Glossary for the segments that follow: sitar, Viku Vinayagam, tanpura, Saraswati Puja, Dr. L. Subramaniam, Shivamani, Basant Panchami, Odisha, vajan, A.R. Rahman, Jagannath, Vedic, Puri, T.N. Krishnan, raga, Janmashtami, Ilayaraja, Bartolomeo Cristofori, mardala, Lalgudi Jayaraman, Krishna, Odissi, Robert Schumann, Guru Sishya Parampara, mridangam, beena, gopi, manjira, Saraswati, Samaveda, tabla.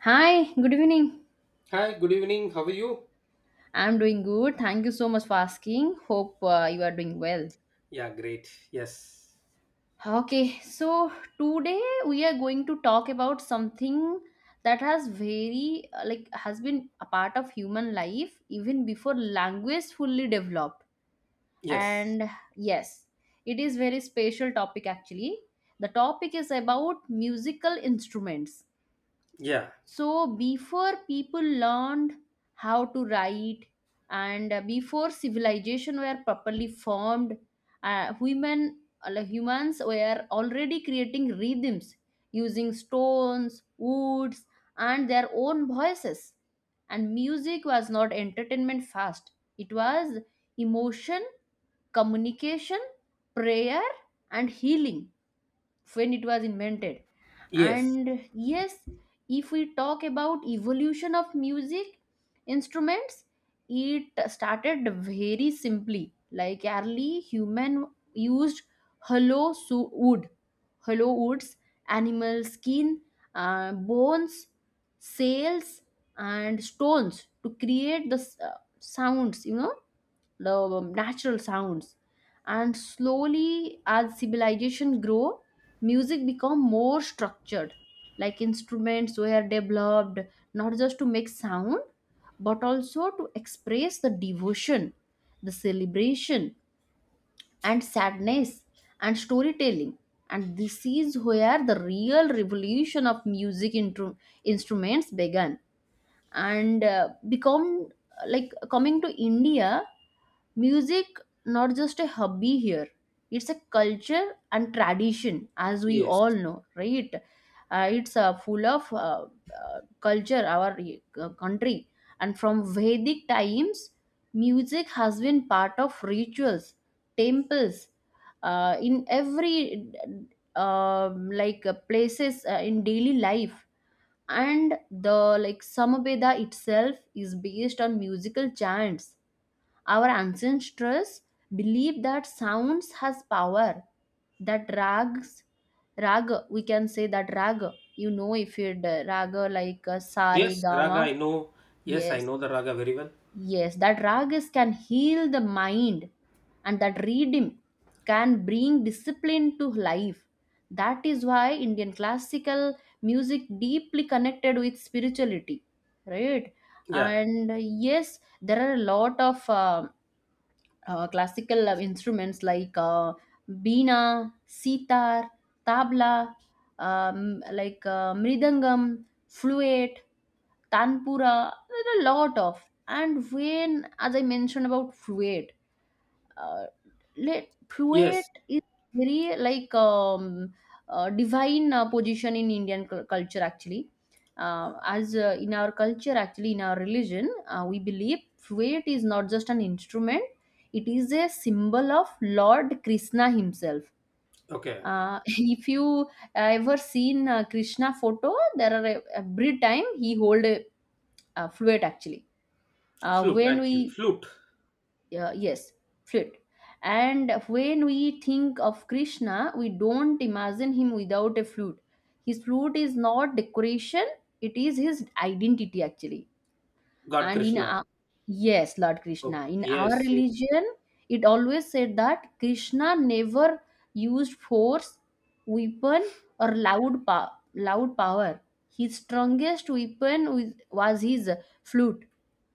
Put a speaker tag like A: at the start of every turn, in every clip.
A: Hi, good evening.
B: Hi, good evening. How are you?
A: I'm doing good. Thank you so much for asking. Hope you are doing well.
B: Yeah, great. Yes.
A: Okay, so today we are going to talk about something that has very like has been a part of human life even before language fully developed.
B: Yes.
A: And yes, it is very special topic actually. The topic is about musical instruments,
B: Yeah.
A: so before people learned how to write and before civilization were properly formed, women like humans were already creating rhythms using stones, woods, and their own voices. And music was not entertainment fast, it was emotion, communication, prayer, and healing when it was invented.
B: Yes.
A: And yes, if we talk about evolution of music instruments, it started very simply, like early human used hollow su- wood hollow woods, animal skin, bones, sails, and stones to create the sounds, the natural sounds. And slowly, as civilization grow, music become more structured, like instruments were developed not just to make sound, but also to express the devotion, the celebration, and sadness, and storytelling. And this is where the real revolution of music instruments began and become. Like, coming to India, music not just a hobby here, it's a culture and tradition, as we all
B: Yes.
A: know, right? It's full of culture, our country. And from Vedic times, music has been part of rituals, temples, in every places in daily life. And the, like, Samaveda itself is based on musical chants. Our ancestors believed that sounds has power, that rags raga, we can say that raga. You know, if you raga, like sare
B: Yes,
A: gama.
B: raga I know. Yes, I
A: Yes.
B: know the raga very well.
A: Yes, that ragas can heal the mind, and that rhythm can bring discipline to life. That is why Indian classical music deeply connected with spirituality, right?
B: Yeah.
A: And yes, there are a lot of classical instruments, like beena, sitar, tabla, mridangam, fluate, tanpura, there are a lot of. And when, as I mentioned about fluate, uh, let Pruitt
B: Yes.
A: is very divine position in Indian culture actually. As in our culture, actually in our religion, we believe Pruitt is not just an instrument; it is a symbol of Lord Krishna himself.
B: Okay.
A: If you ever seen Krishna photo, there are every time he hold a fluid actually.
B: Flute
A: When
B: actually.
A: we
B: Flute.
A: Yes, fluid. And when we think of Krishna, we don't imagine him without a flute. His flute is not decoration, it is his identity actually.
B: God
A: and in
B: Krishna.
A: our, yes, Lord
B: Okay.
A: Krishna in our
B: Yes, yes.
A: religion, it always said that Krishna never used force, weapon, or loud loud power. His strongest weapon was his flute.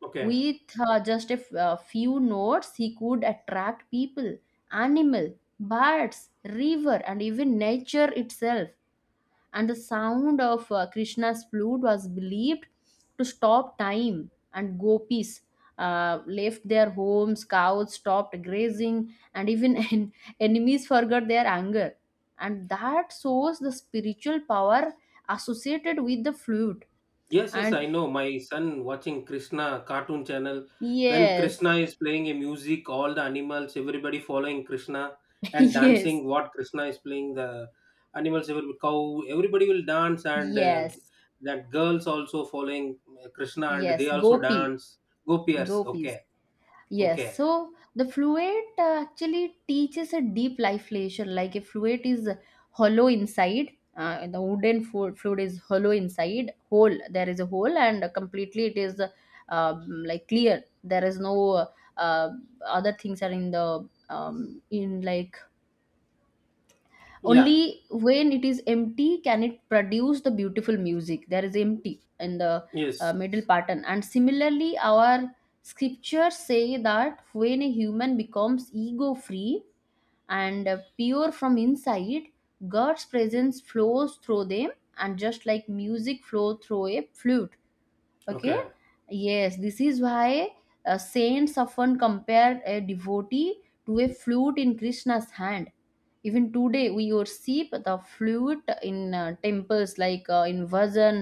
B: Okay.
A: With just a few notes, he could attract people, animal, birds, river, and even nature itself. And the sound of Krishna's flute was believed to stop time. And gopis left their homes, cows stopped grazing, and even enemies forgot their anger. And that shows the spiritual power associated with the flute.
B: Yes, yes, I
A: And
B: know. My son watching Krishna cartoon channel. When
A: yes,
B: Krishna is playing a music, all the animals, everybody following Krishna and
A: yes.
B: dancing. What Krishna is playing, the animals, every cow, everybody will dance, and
A: Yes,
B: that girls also following Krishna, and they
A: yes,
B: also dance. Gopiers,
A: gopis.
B: okay,
A: Yes,
B: okay,
A: so the fluid actually teaches a deep life lesson. Like, a fluid is hollow inside, the wooden fluid is hollow inside, hole. There is a hole, and completely it is like clear. There is no uh, other things are in the in like,
B: yeah,
A: only when it is empty can it produce the beautiful music, there is empty in the
B: yes,
A: middle pattern, and similarly our scriptures say that when a human becomes ego free and pure from inside, God's presence flows through them, and just like music flow through a flute. Okay.
B: okay,
A: Yes, this is why saints often compare a devotee to a flute in Krishna's hand. Even today we worship the flute in temples, like in Vajan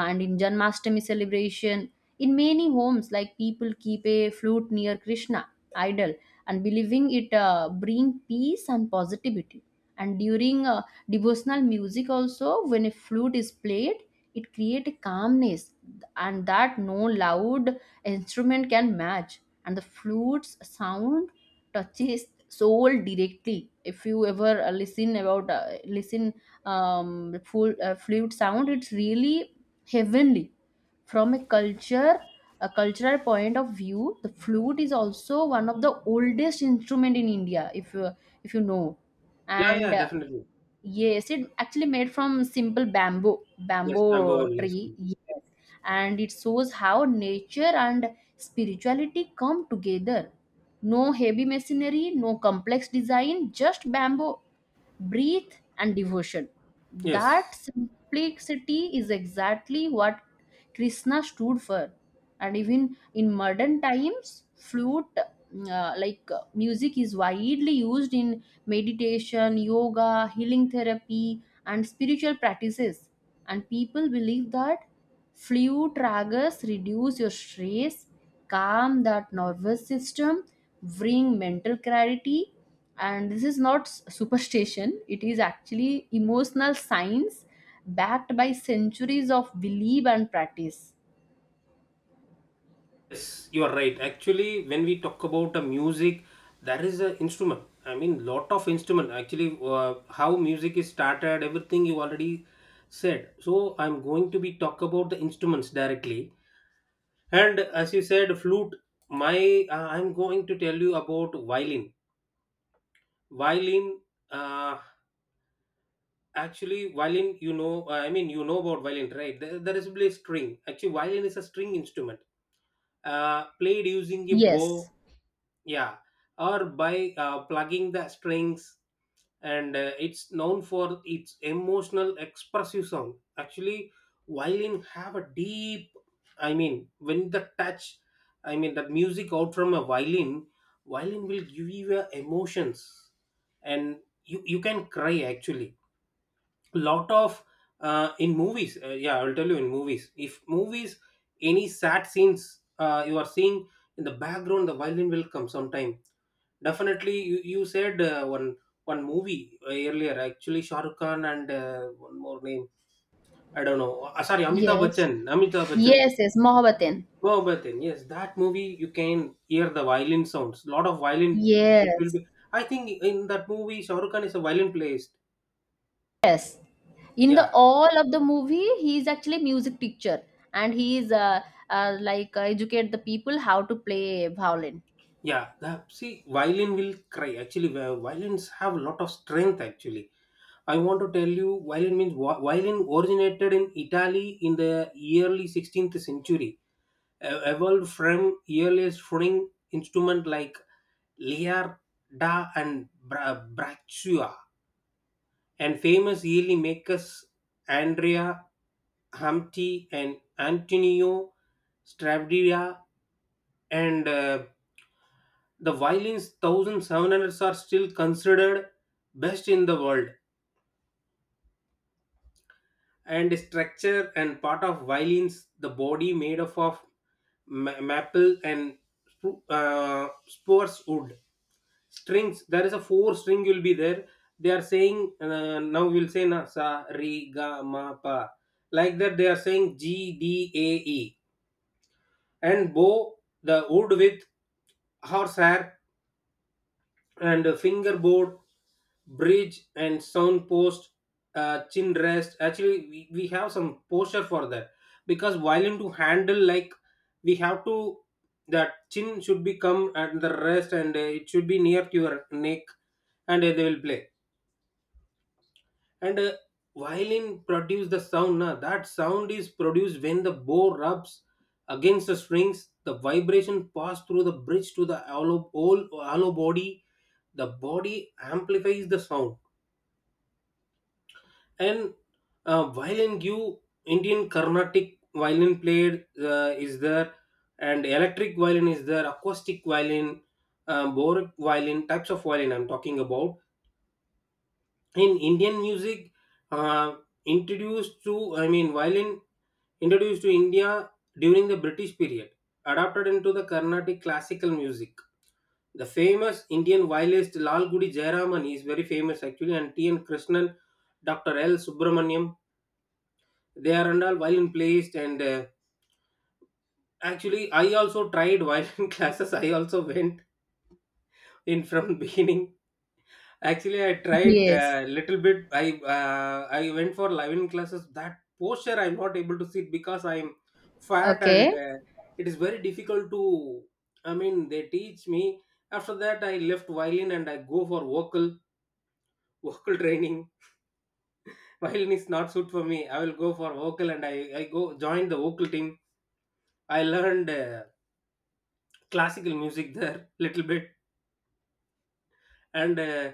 A: and in Janmashtami celebration. In many homes, like people keep a flute near Krishna idol, and believing it bring peace and positivity. And during devotional music also, when a flute is played, it create calmness, and that no loud instrument can match. And the flute's sound touches soul directly. If you ever listen full flute sound, it's really heavenly. From a culture a cultural point of view, the flute is also one of the oldest instrument in India, if you know.
B: yeah,
A: And
B: yeah, definitely,
A: yes, it actually made from simple bamboo
B: yes, number
A: bamboo
B: one, yes,
A: tree. Yes. And it shows how nature and spirituality come together. No heavy machinery, no complex design, just bamboo, breathe, and devotion.
B: yes.
A: That simplicity is exactly what Krishna stood for. And even in modern times, flute, music, is widely used in meditation, yoga, healing therapy, and spiritual practices. And people believe that flute ragas reduce your stress, calm that nervous system, bring mental clarity, and this is not superstition, it is actually emotional science backed by centuries of belief and practice.
B: Yes, you are right. Actually, when we talk about a music, there is an instrument. I mean, lot of instrument. Actually, how music is started, everything you already said. So I'm going to be talk about the instruments directly. And as you said, flute. My I'm going to tell you about violin. Violin. Uh, actually, violin. You know, I mean, you know about violin, right? There is a string. Actually, violin is a string instrument. Played using a
A: Yes,
B: bow, yeah, or by plugging the strings, and it's known for its emotional expressive sound. Actually, violin have a deep, I mean, when the touch, I mean, the music out from a violin, violin will give you emotions, and you can cry actually. Lot of in movies, yeah, I'll tell you. In movies, if movies any sad scenes, you are seeing in the background, the violin will come sometime. Definitely, you said one one movie earlier. Actually, Shah Rukh Khan and one more name, I don't know, sorry, amitabh
A: yes,
B: bachchan amitabh bachchan
A: yes, yes, Mohabbatin.
B: Mohabbatin, yes, that movie you can hear the violin sounds, lot of violin. It will
A: Yes,
B: be, I think in that movie Shah Rukh Khan is a violin player.
A: yes, in the
B: Yeah.
A: all of the movie he is actually music teacher. And he is educate the people how to play violin.
B: Yeah, that, see, violin will cry. Actually, violins have a lot of strength. Actually, I want to tell you, violin means violin originated in Italy in the early 16th century, evolved from earlier string instrument like Liarda and Braccia, and famous early makers Andrea Hamti and Antonio Stravdia and. The violin's 1700s are still considered best in the world. And structure and part of violins, the body made up of maple and spruce wood strings. There is a four string will be there. They are saying, now we'll say na sa re ga ma pa like that. They are saying GDAE, and bow the wood with horsehair, and a fingerboard, bridge and sound post, chin rest. Actually we have some posture for that, because violin to handle, like we have to, that chin should be come at the rest, and it should be near to your neck, and they will play. And violin produce the sound, na, that sound is produced when the bow rubs against the strings, the vibration pass through the bridge to the hollow, whole hollow body, the body amplifies the sound. And violin give Indian carnatic violin played, is there, and electric violin is there, acoustic violin, boric violin, types of violin I'm talking about. In Indian music, uh, introduced to, I mean, violin introduced to India during the British period, adapted into the carnatic classical music. The famous Indian violinist Lalgudi Jayaraman is very famous actually, and T.N. Krishnan, Dr. L. Subramaniam, they are and all violin players. And actually, I also tried violin classes. I also went in from beginning. Actually, I tried
A: Yes.
B: a little bit. I went for violin classes. That posture, I'm not able to sit because I'm fat, and
A: Okay.
B: it is very difficult to. I mean, they teach me. After that, I left violin and I go for vocal vocal training. Violin is not suit for me. I will go for vocal, and I go join the vocal team. I learned classical music there little bit. And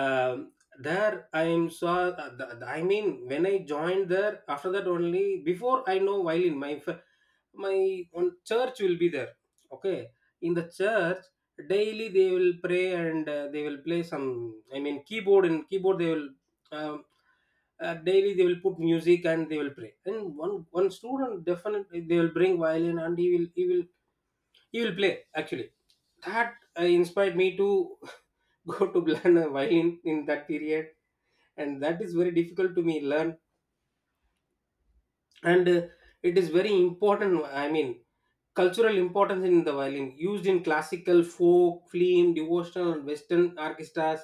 B: um there I am saw the- I mean, when I joined there, after that only, before I know violin, my own church will be there. Okay. In the church daily they will pray, and they will play some, I mean, keyboard. And keyboard they will, um, daily they will put music and they will pray, and one student definitely they will bring violin, and he will play actually. That inspired me to go to learn a violin in that period, and that is very difficult to me learn. And it is very important, I mean, cultural importance in the violin, used in classical, folk, film, devotional and western orchestras.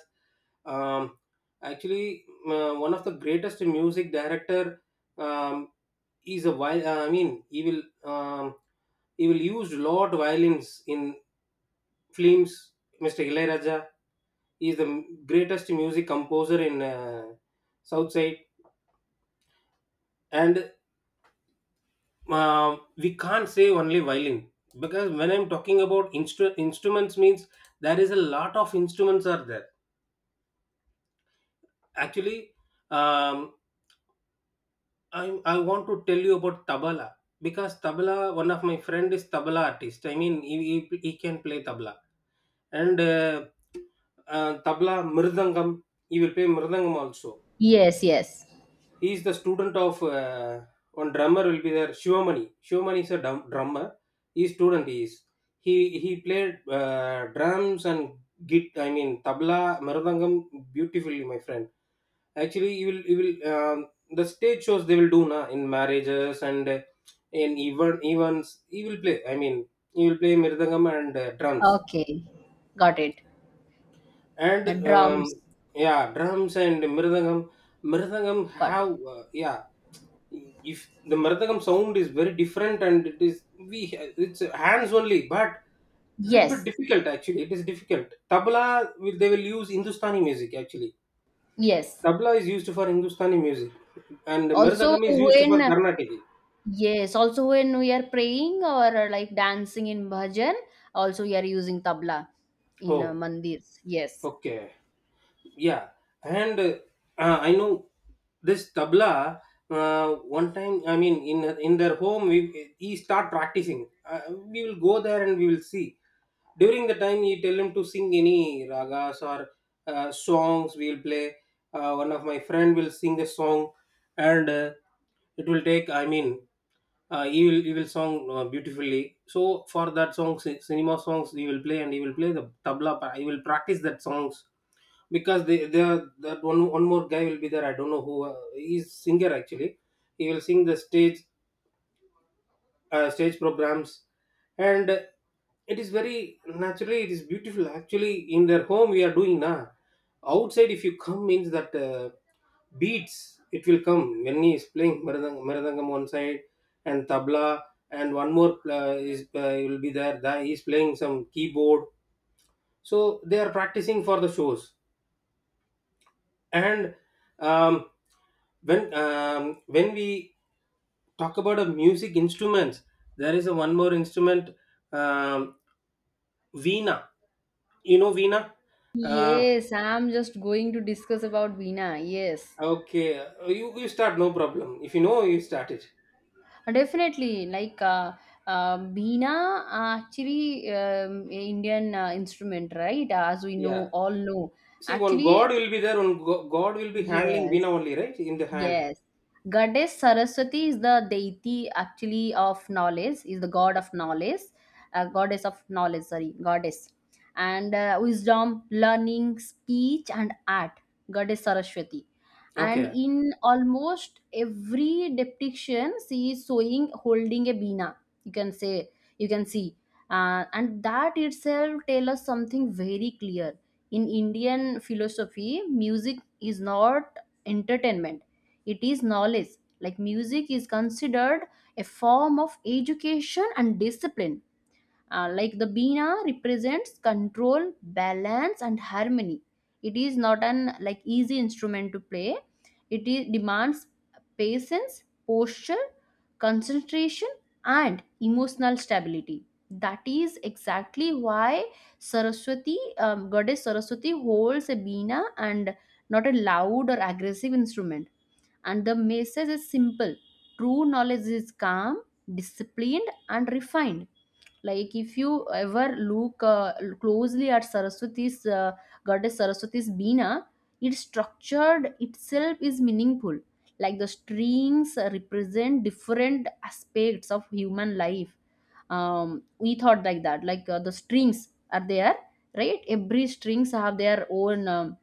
B: Um, actually uh, one of the greatest music director, um, is a violin, I mean he will, um, he will use lot violins in films. Mr. Ilayaraja is the greatest music composer in south side. And we can't say only violin because when I'm talking about instruments means there is a lot of instruments are there actually. Um, I, I want to tell you about tabla, because tabla, one of my friend is tabla artist, I mean he can play tabla. And tabla, mridangam, he will play mridangam also.
A: Yes, yes.
B: He is the student of one drummer will be there, Shivamani. Shivamani is a drummer. He's student. He is, he he played drums and git I mean tabla, maradangam beautifully, my friend. Actually, you will, the stage shows they will do na in marriages, and in even events he will play, I mean he will play mirdangam and drums.
A: Okay, got it.
B: And
A: The
B: um,
A: drums.
B: yeah, drums and mridangam, mridangam
A: Got it.
B: have, yeah, if the Marathakam sound is very different, and it is we it's hands only, but little bit
A: Yes,
B: difficult actually. It is difficult. Tabla will they will use Hindustani music actually.
A: yes.
B: Tabla is used for Hindustani music, and
A: Also,
B: Marathakam is used for
A: when
B: Karnataka.
A: Yes, also when we are praying or like dancing in bhajan, also we are using tabla in
B: Oh,
A: mandirs. Yes.
B: okay. Yeah. And I know this tabla. uh, One time, I mean, in their home, we, he start practicing, we will go there and we will see. During the time, you tell him to sing any ragas or songs, we will play. One of my friend will sing a song, and it will take, I mean, he will, he will song beautifully. So for that song cinema songs he will play, and he will play the tabla, he will practice that songs, because they are that one one more guy will be there. I don't know who, he's singer actually. He will sing the stage, stage programs, and it is very naturally, it is beautiful. Actually, in their home we are doing now. Outside, if you come means that beats it will come. When he is playing maradangam one side, and tabla, and one more is will be there, that he is playing some keyboard. So they are practicing for the shows. And um, when we talk about a music instruments, there is a one more instrument, um, veena. You know veena? uh,
A: Yes, I'm just going to discuss about veena. Yes.
B: okay, you start, no problem, if you know, you start it.
A: Definitely. Like, veena, actually, Indian instrument, right? As we
B: Yeah,
A: know, all know.
B: see, one god
A: Actually,
B: will be there, god will be handling
A: yes.
B: veena only, right, in the hand.
A: Yes. Goddess Saraswati is the deity actually of knowledge, is the god of knowledge, goddess of knowledge, sorry, goddess. And wisdom, learning, speech, and art, goddess Saraswati. And
B: Okay.
A: in almost every depiction, she is showing holding a beena. You can say, you can see. And that itself tells us something very clear. In Indian philosophy, music is not entertainment, it is knowledge. Like, music is considered a form of education and discipline. Like, the Veena represents control, balance, and harmony. It is not an like easy instrument to play. It is, demands patience, posture, concentration, and emotional stability. That is exactly why Saraswati, goddess Saraswati, holds a Veena and not a loud or aggressive instrument, and the message is simple: true knowledge is calm, disciplined, and refined. Like, if you ever look closely at Saraswati's goddess Saraswati's Beena, its structured itself is meaningful. Like, the strings represent different aspects of human life. We thought like that. Like, the strings are there, right? Every strings have their own.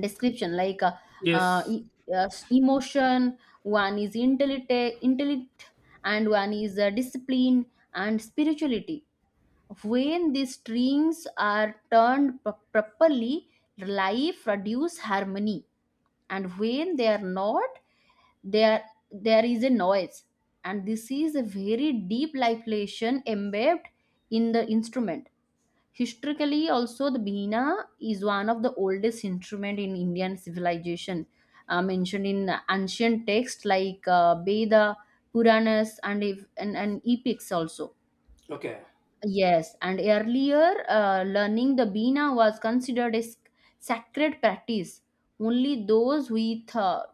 A: Description, like, uh,
B: Yes.
A: e- emotion. One is intellect, and one is discipline, and spirituality. When these strings are turned properly, life produce harmony, and when they are not there, there is a noise. And this is a very deep life lesson embedded in the instrument. Historically, also, the Beena is one of the oldest instrument in Indian civilization, mentioned in ancient texts like Veda, Puranas, and, if, and epics also.
B: Okay.
A: Yes, and earlier learning the Bina was considered a sacred practice. Only those with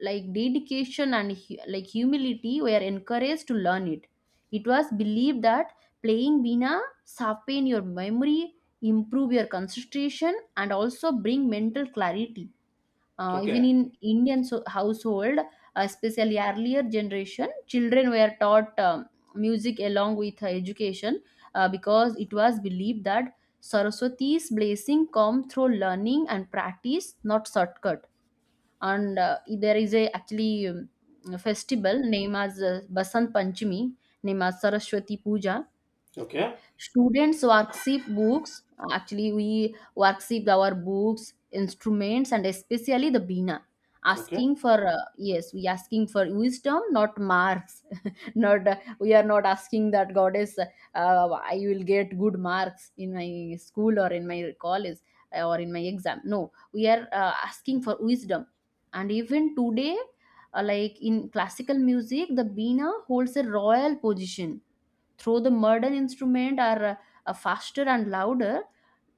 A: like dedication and like humility were encouraged to learn it. It was believed that playing Bina sharpen your memory, improve your concentration, and also bring mental clarity. Even
B: Okay.
A: in Indian household, especially earlier generation, children were taught music along with education because it was believed that Saraswati's blessing come through learning and practice, not shortcut. And there is a actually a festival named as Basant Panchami, named as Saraswati Puja.
B: Okay.
A: Students worksheet books. Actually, we worksheet our books, instruments, and especially the Bina.
B: Okay.
A: Asking for yes, we asking for wisdom, not marks. Not, we are not asking that goddess. I will get good marks in my school or in my college or in my exam. No, we are asking for wisdom. And even today, like in classical music, the Bina holds a royal position. Though the modern instrument are faster and louder,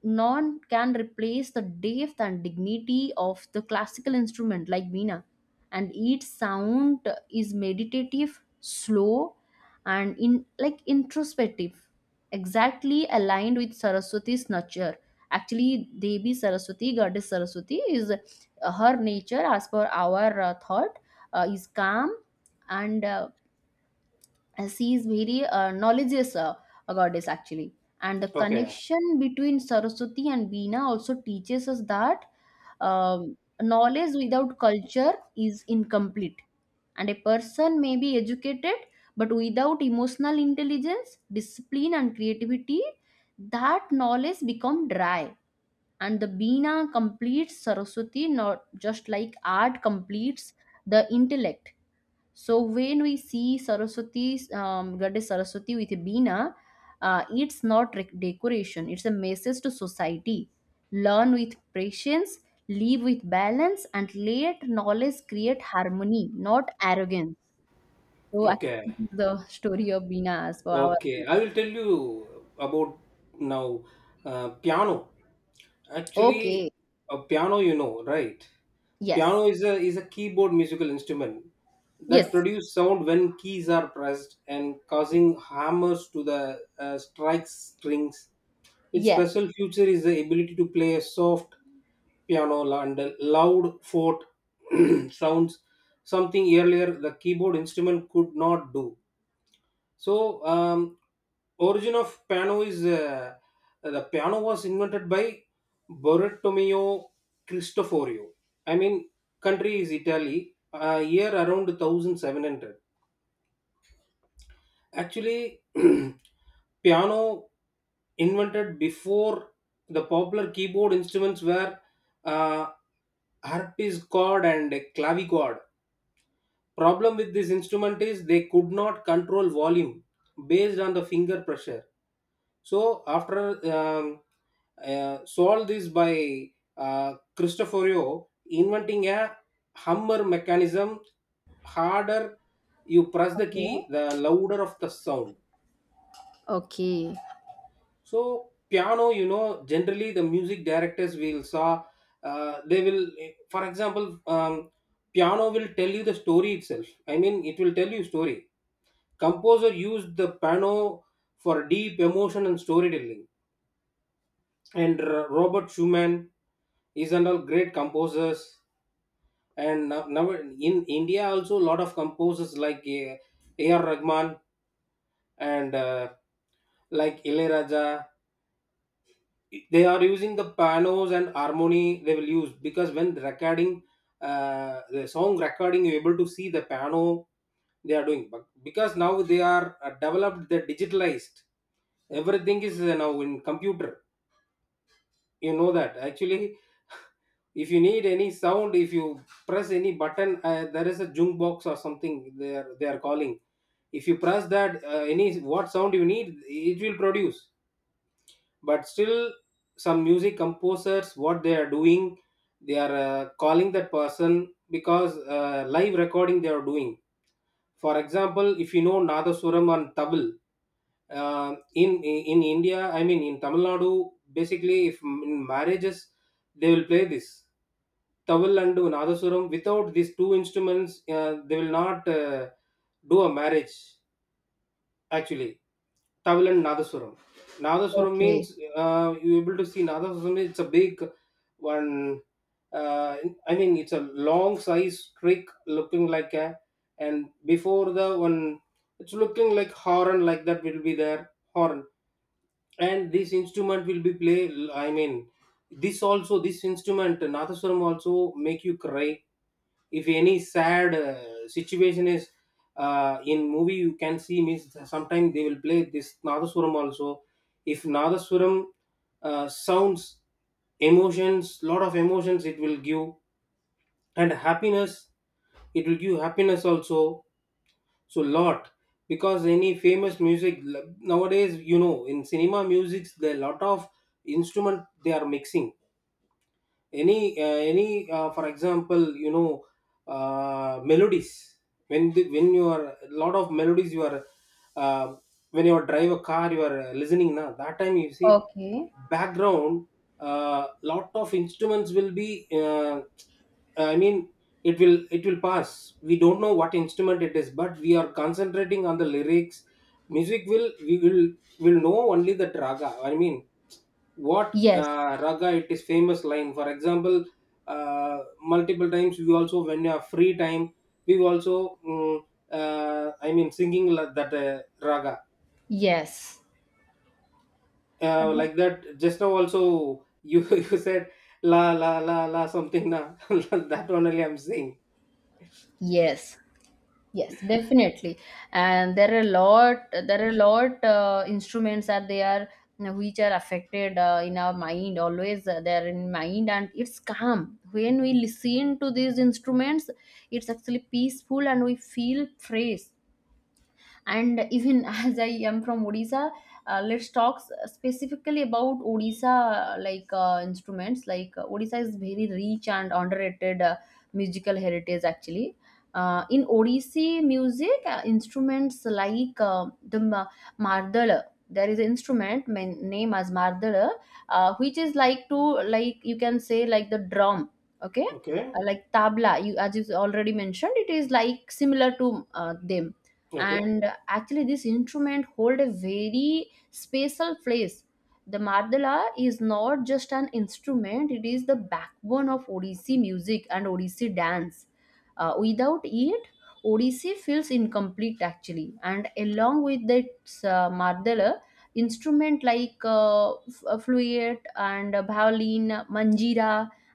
A: none can replace the depth and dignity of the classical instrument like Veena. And each sound is meditative, slow, and in like introspective, exactly aligned with Saraswati's nature. Actually, Devi Saraswati, goddess Saraswati, is her nature as per our thought is calm, and she is very knowledgeous a goddess actually. And the
B: Okay.
A: connection between Saraswati and Veena also teaches us that um, knowledge without culture is incomplete, and a person may be educated, but without emotional intelligence, discipline, and creativity, that knowledge become dry. And the Veena completes Saraswati, not just like art completes the intellect. So when we see Saraswati's goddess Saraswati with a Beena, it's not decoration. It's a message to society. Learn with patience, live with balance, and let knowledge create harmony, not arrogance. So
B: Okay.
A: actually, this is the story of Beena as per our.
B: Okay, I will tell you about now piano. Actually,
A: Okay.
B: a piano, you know, right?
A: Yes.
B: Piano is a keyboard musical instrument that
A: Yes.
B: produce sound when keys are pressed and causing hammers to the strike strings. Its
A: Yes.
B: special feature is the ability to play a soft piano and a loud fourth sounds, something earlier the keyboard instrument could not do. So, origin of piano is the piano was invented by Bartolomeo Cristoforio. I mean, country is Italy. Year around 1700. Actually, piano invented before the popular keyboard instruments were uh, harpsichord and clavichord. Problem with this instrument is they could not control volume based on the finger pressure. So after, um, solved this by Cristoforio inventing a hammer mechanism. Harder you press the
A: Okay.
B: key, the louder of the sound.
A: Okay.
B: So piano, you know, generally the music directors will saw, they will, for example, piano will tell you the story itself. I mean, it will tell you story. Composer used the piano for deep emotion and storytelling. And Robert Schumann is another great composers. And now, now in India also a lot of composers like A.R. Rahman and like Ilaiyaraaja. They are using the pianos and harmony they will use, because when the recording, the song recording, you're able to see the piano they are doing. But because now they are developed, they're digitalized. Everything is now in computer, you know that. Actually, if you need any sound, if you press any button, there is a junk box or something they are calling. If you press that, any what sound you need, it will produce. But still, some music composers, what they are doing, they are calling that person, because live recording they are doing. For example, if you know nadaswaram and tabl, in India, I mean in Tamil Nadu, basically, if in marriages they will play this taval and nadasuram. Without these two instruments, they will not do a marriage. Actually, Tavil and Nadaswaram. Nadaswaram
A: Okay.
B: means, you able to see Nadaswaram. It's a big one. Uh, I mean, it's a long size trick looking like a, and before the one, it's looking like horn, like that will be there, horn. And this instrument will be play, I mean, this also, this instrument nathaswaram also make you cry. If any sad situation is in movie, you can see means sometimes they will play this nadaswaram also. If nadaswaram sounds emotions, lot of emotions it will give. And happiness, it will give happiness also. So lot, because any famous music nowadays, you know, in cinema musics there are lot of instrument they are mixing. Any any for example, you know, melodies, when the, when you are a lot of melodies you are, uh, when you are drive a car, you are listening, now that time you see
A: Okay.
B: background lot of instruments will be, I mean, it will pass. We don't know what instrument it is, but we are concentrating on the lyrics. Music will, we will know only the raga. I mean what
A: Yes.
B: raga it is, famous line, for example, multiple times we also, when you have free time, we also, I mean, that raga,
A: Yes.
B: like that. Just now also, you you said la la la la something na, that one only I'm saying.
A: Yes. Yes, definitely. And there are a lot instruments that they are which are affected in our mind. Always they are in mind, and it's calm when we listen to these instruments. It's actually peaceful, and we feel fresh and even as I am from Odisha. Let's talk specifically about Odisha, like instruments like, Odisha is very rich and underrated musical heritage actually. In Odissi music, instruments like, the ma- mardala, there is an instrument name as mardala, which is like to, like you can say, like the drum. Okay.
B: Okay,
A: Like tabla, you as you already mentioned, it is like similar to, them.
B: okay,
A: And actually, this instrument hold a very special place. The mardala is not just an instrument, it is the backbone of Odissi music and Odissi dance. Without it, Odissi feels incomplete actually, and along with its, mardala, instrument like, flute and violin, manjira,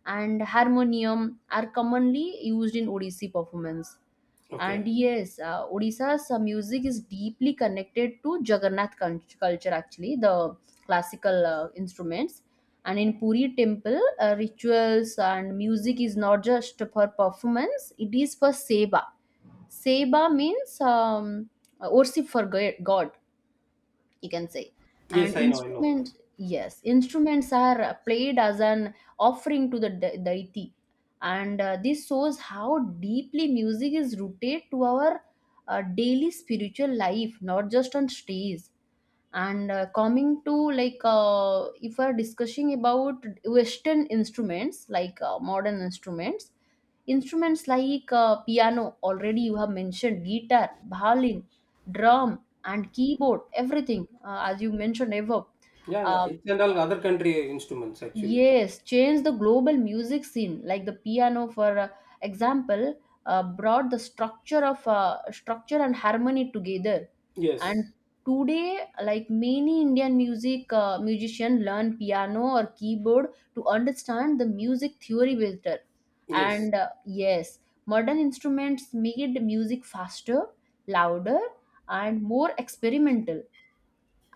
A: and harmonium are commonly used in Odissi performance. And
B: okay.
A: yes, Odisha's music is deeply connected to Jagannath culture, actually. The classical instruments. And in Puri temple, rituals and music is not just for performance, it is for seva. Seva means, worship for God, you can say. And
B: Yes, I know, I know.
A: instrument, yes, instruments are played as an offering to the deity. And this shows how deeply music is rooted to our daily spiritual life, not just on stage. And coming to like, if we're discussing about western instruments, like modern instruments, instruments like piano, already you have mentioned, guitar, violin, drum, and keyboard, everything as you mentioned above.
B: Yeah, yeah,
A: Uh,
B: it's and all other country instruments actually.
A: yes, changed the global music scene. Like the piano, for example, brought the structure of, structure and harmony together.
B: Yes,
A: And today, like many Indian music musician learn piano or keyboard to understand the music theory better.
B: yes,
A: And yes, modern instruments made music faster, louder, and more experimental.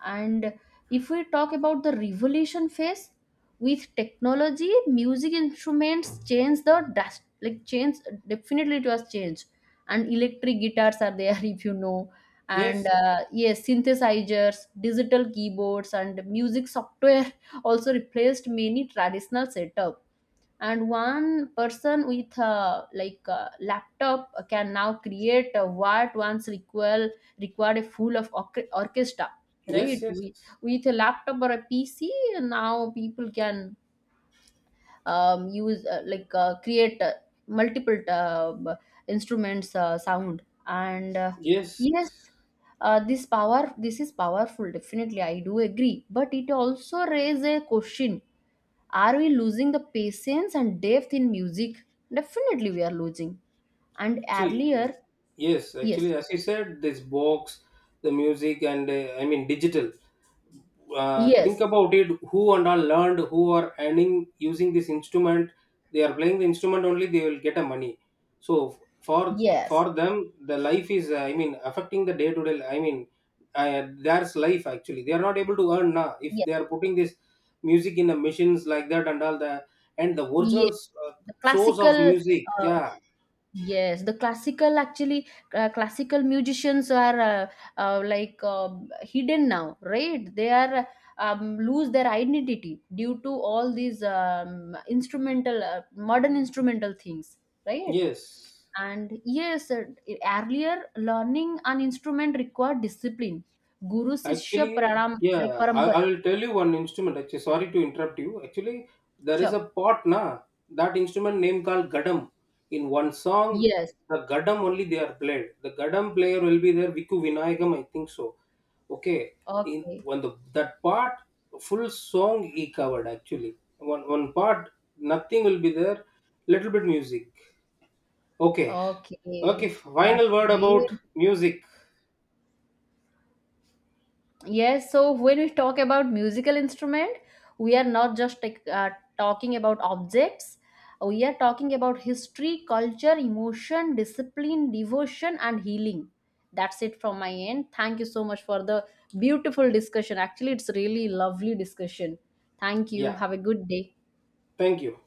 A: And if we talk about the revolution phase, with technology, music instruments change the dust, like, change. Definitely, it was changed. And electric guitars are there, if you know. And
B: yes,
A: yes, synthesizers, digital keyboards, and music software also replaced many traditional setups. And one person with a, like, a laptop can now create a what once required a full of orchestra,
B: yes,
A: right?
B: yes,
A: We, with a laptop or a PC, now people can, use, like, create, multiple, instruments sound and
B: yes.
A: yes. Uh, this power, this is powerful, definitely, I do agree, but it also raise a question: are we losing the patience and depth in music? Definitely we are losing. And
B: See,
A: earlier,
B: yes,
A: yes,
B: actually, as I said, this box, the music, and I mean digital. Think
A: yes,
B: about it. Who and all learned? Who are earning using this instrument? They are playing the instrument only. They will get a money. So for
A: yes,
B: for them, the life is I mean affecting the day to day. I mean, there's life actually. They are not able to earn now, if
A: yes,
B: they are putting this music in the machines like that and all the, and the
A: yes.
B: original
A: The
B: source of
A: classical,
B: music.
A: uh,
B: Yeah.
A: yes, the classical actually, classical musicians are, like, hidden now, right? They are, lose their identity due to all these, instrumental, modern instrumental things, right?
B: Yes.
A: And yes, earlier learning an instrument required discipline. Guru Sishya
B: Actually,
A: Pranam, like
B: yeah, I
A: parampara.
B: will tell you one instrument. Actually, sorry to interrupt you. Actually, there is
A: Sure.
B: a part na, that instrument name called gadam. In one song,
A: Yes.
B: the gadam only they are played. The gadam player will be there, Viku Vinayagam, I think so. Okay, in
A: Okay.
B: when the that part, full song he covered actually. One one part nothing will be there. Little bit music. Okay, okay.
A: Okay. That's
B: Final word about
A: great.
B: music.
A: Yes, so when we talk about musical instrument, we are not just like, talking about objects. We are talking about history, culture, emotion, discipline, devotion, and healing. That's it from my end. Thank you so much for the beautiful discussion. Actually, it's really lovely discussion. Thank you.
B: Yeah.
A: Have a good day.
B: Thank you.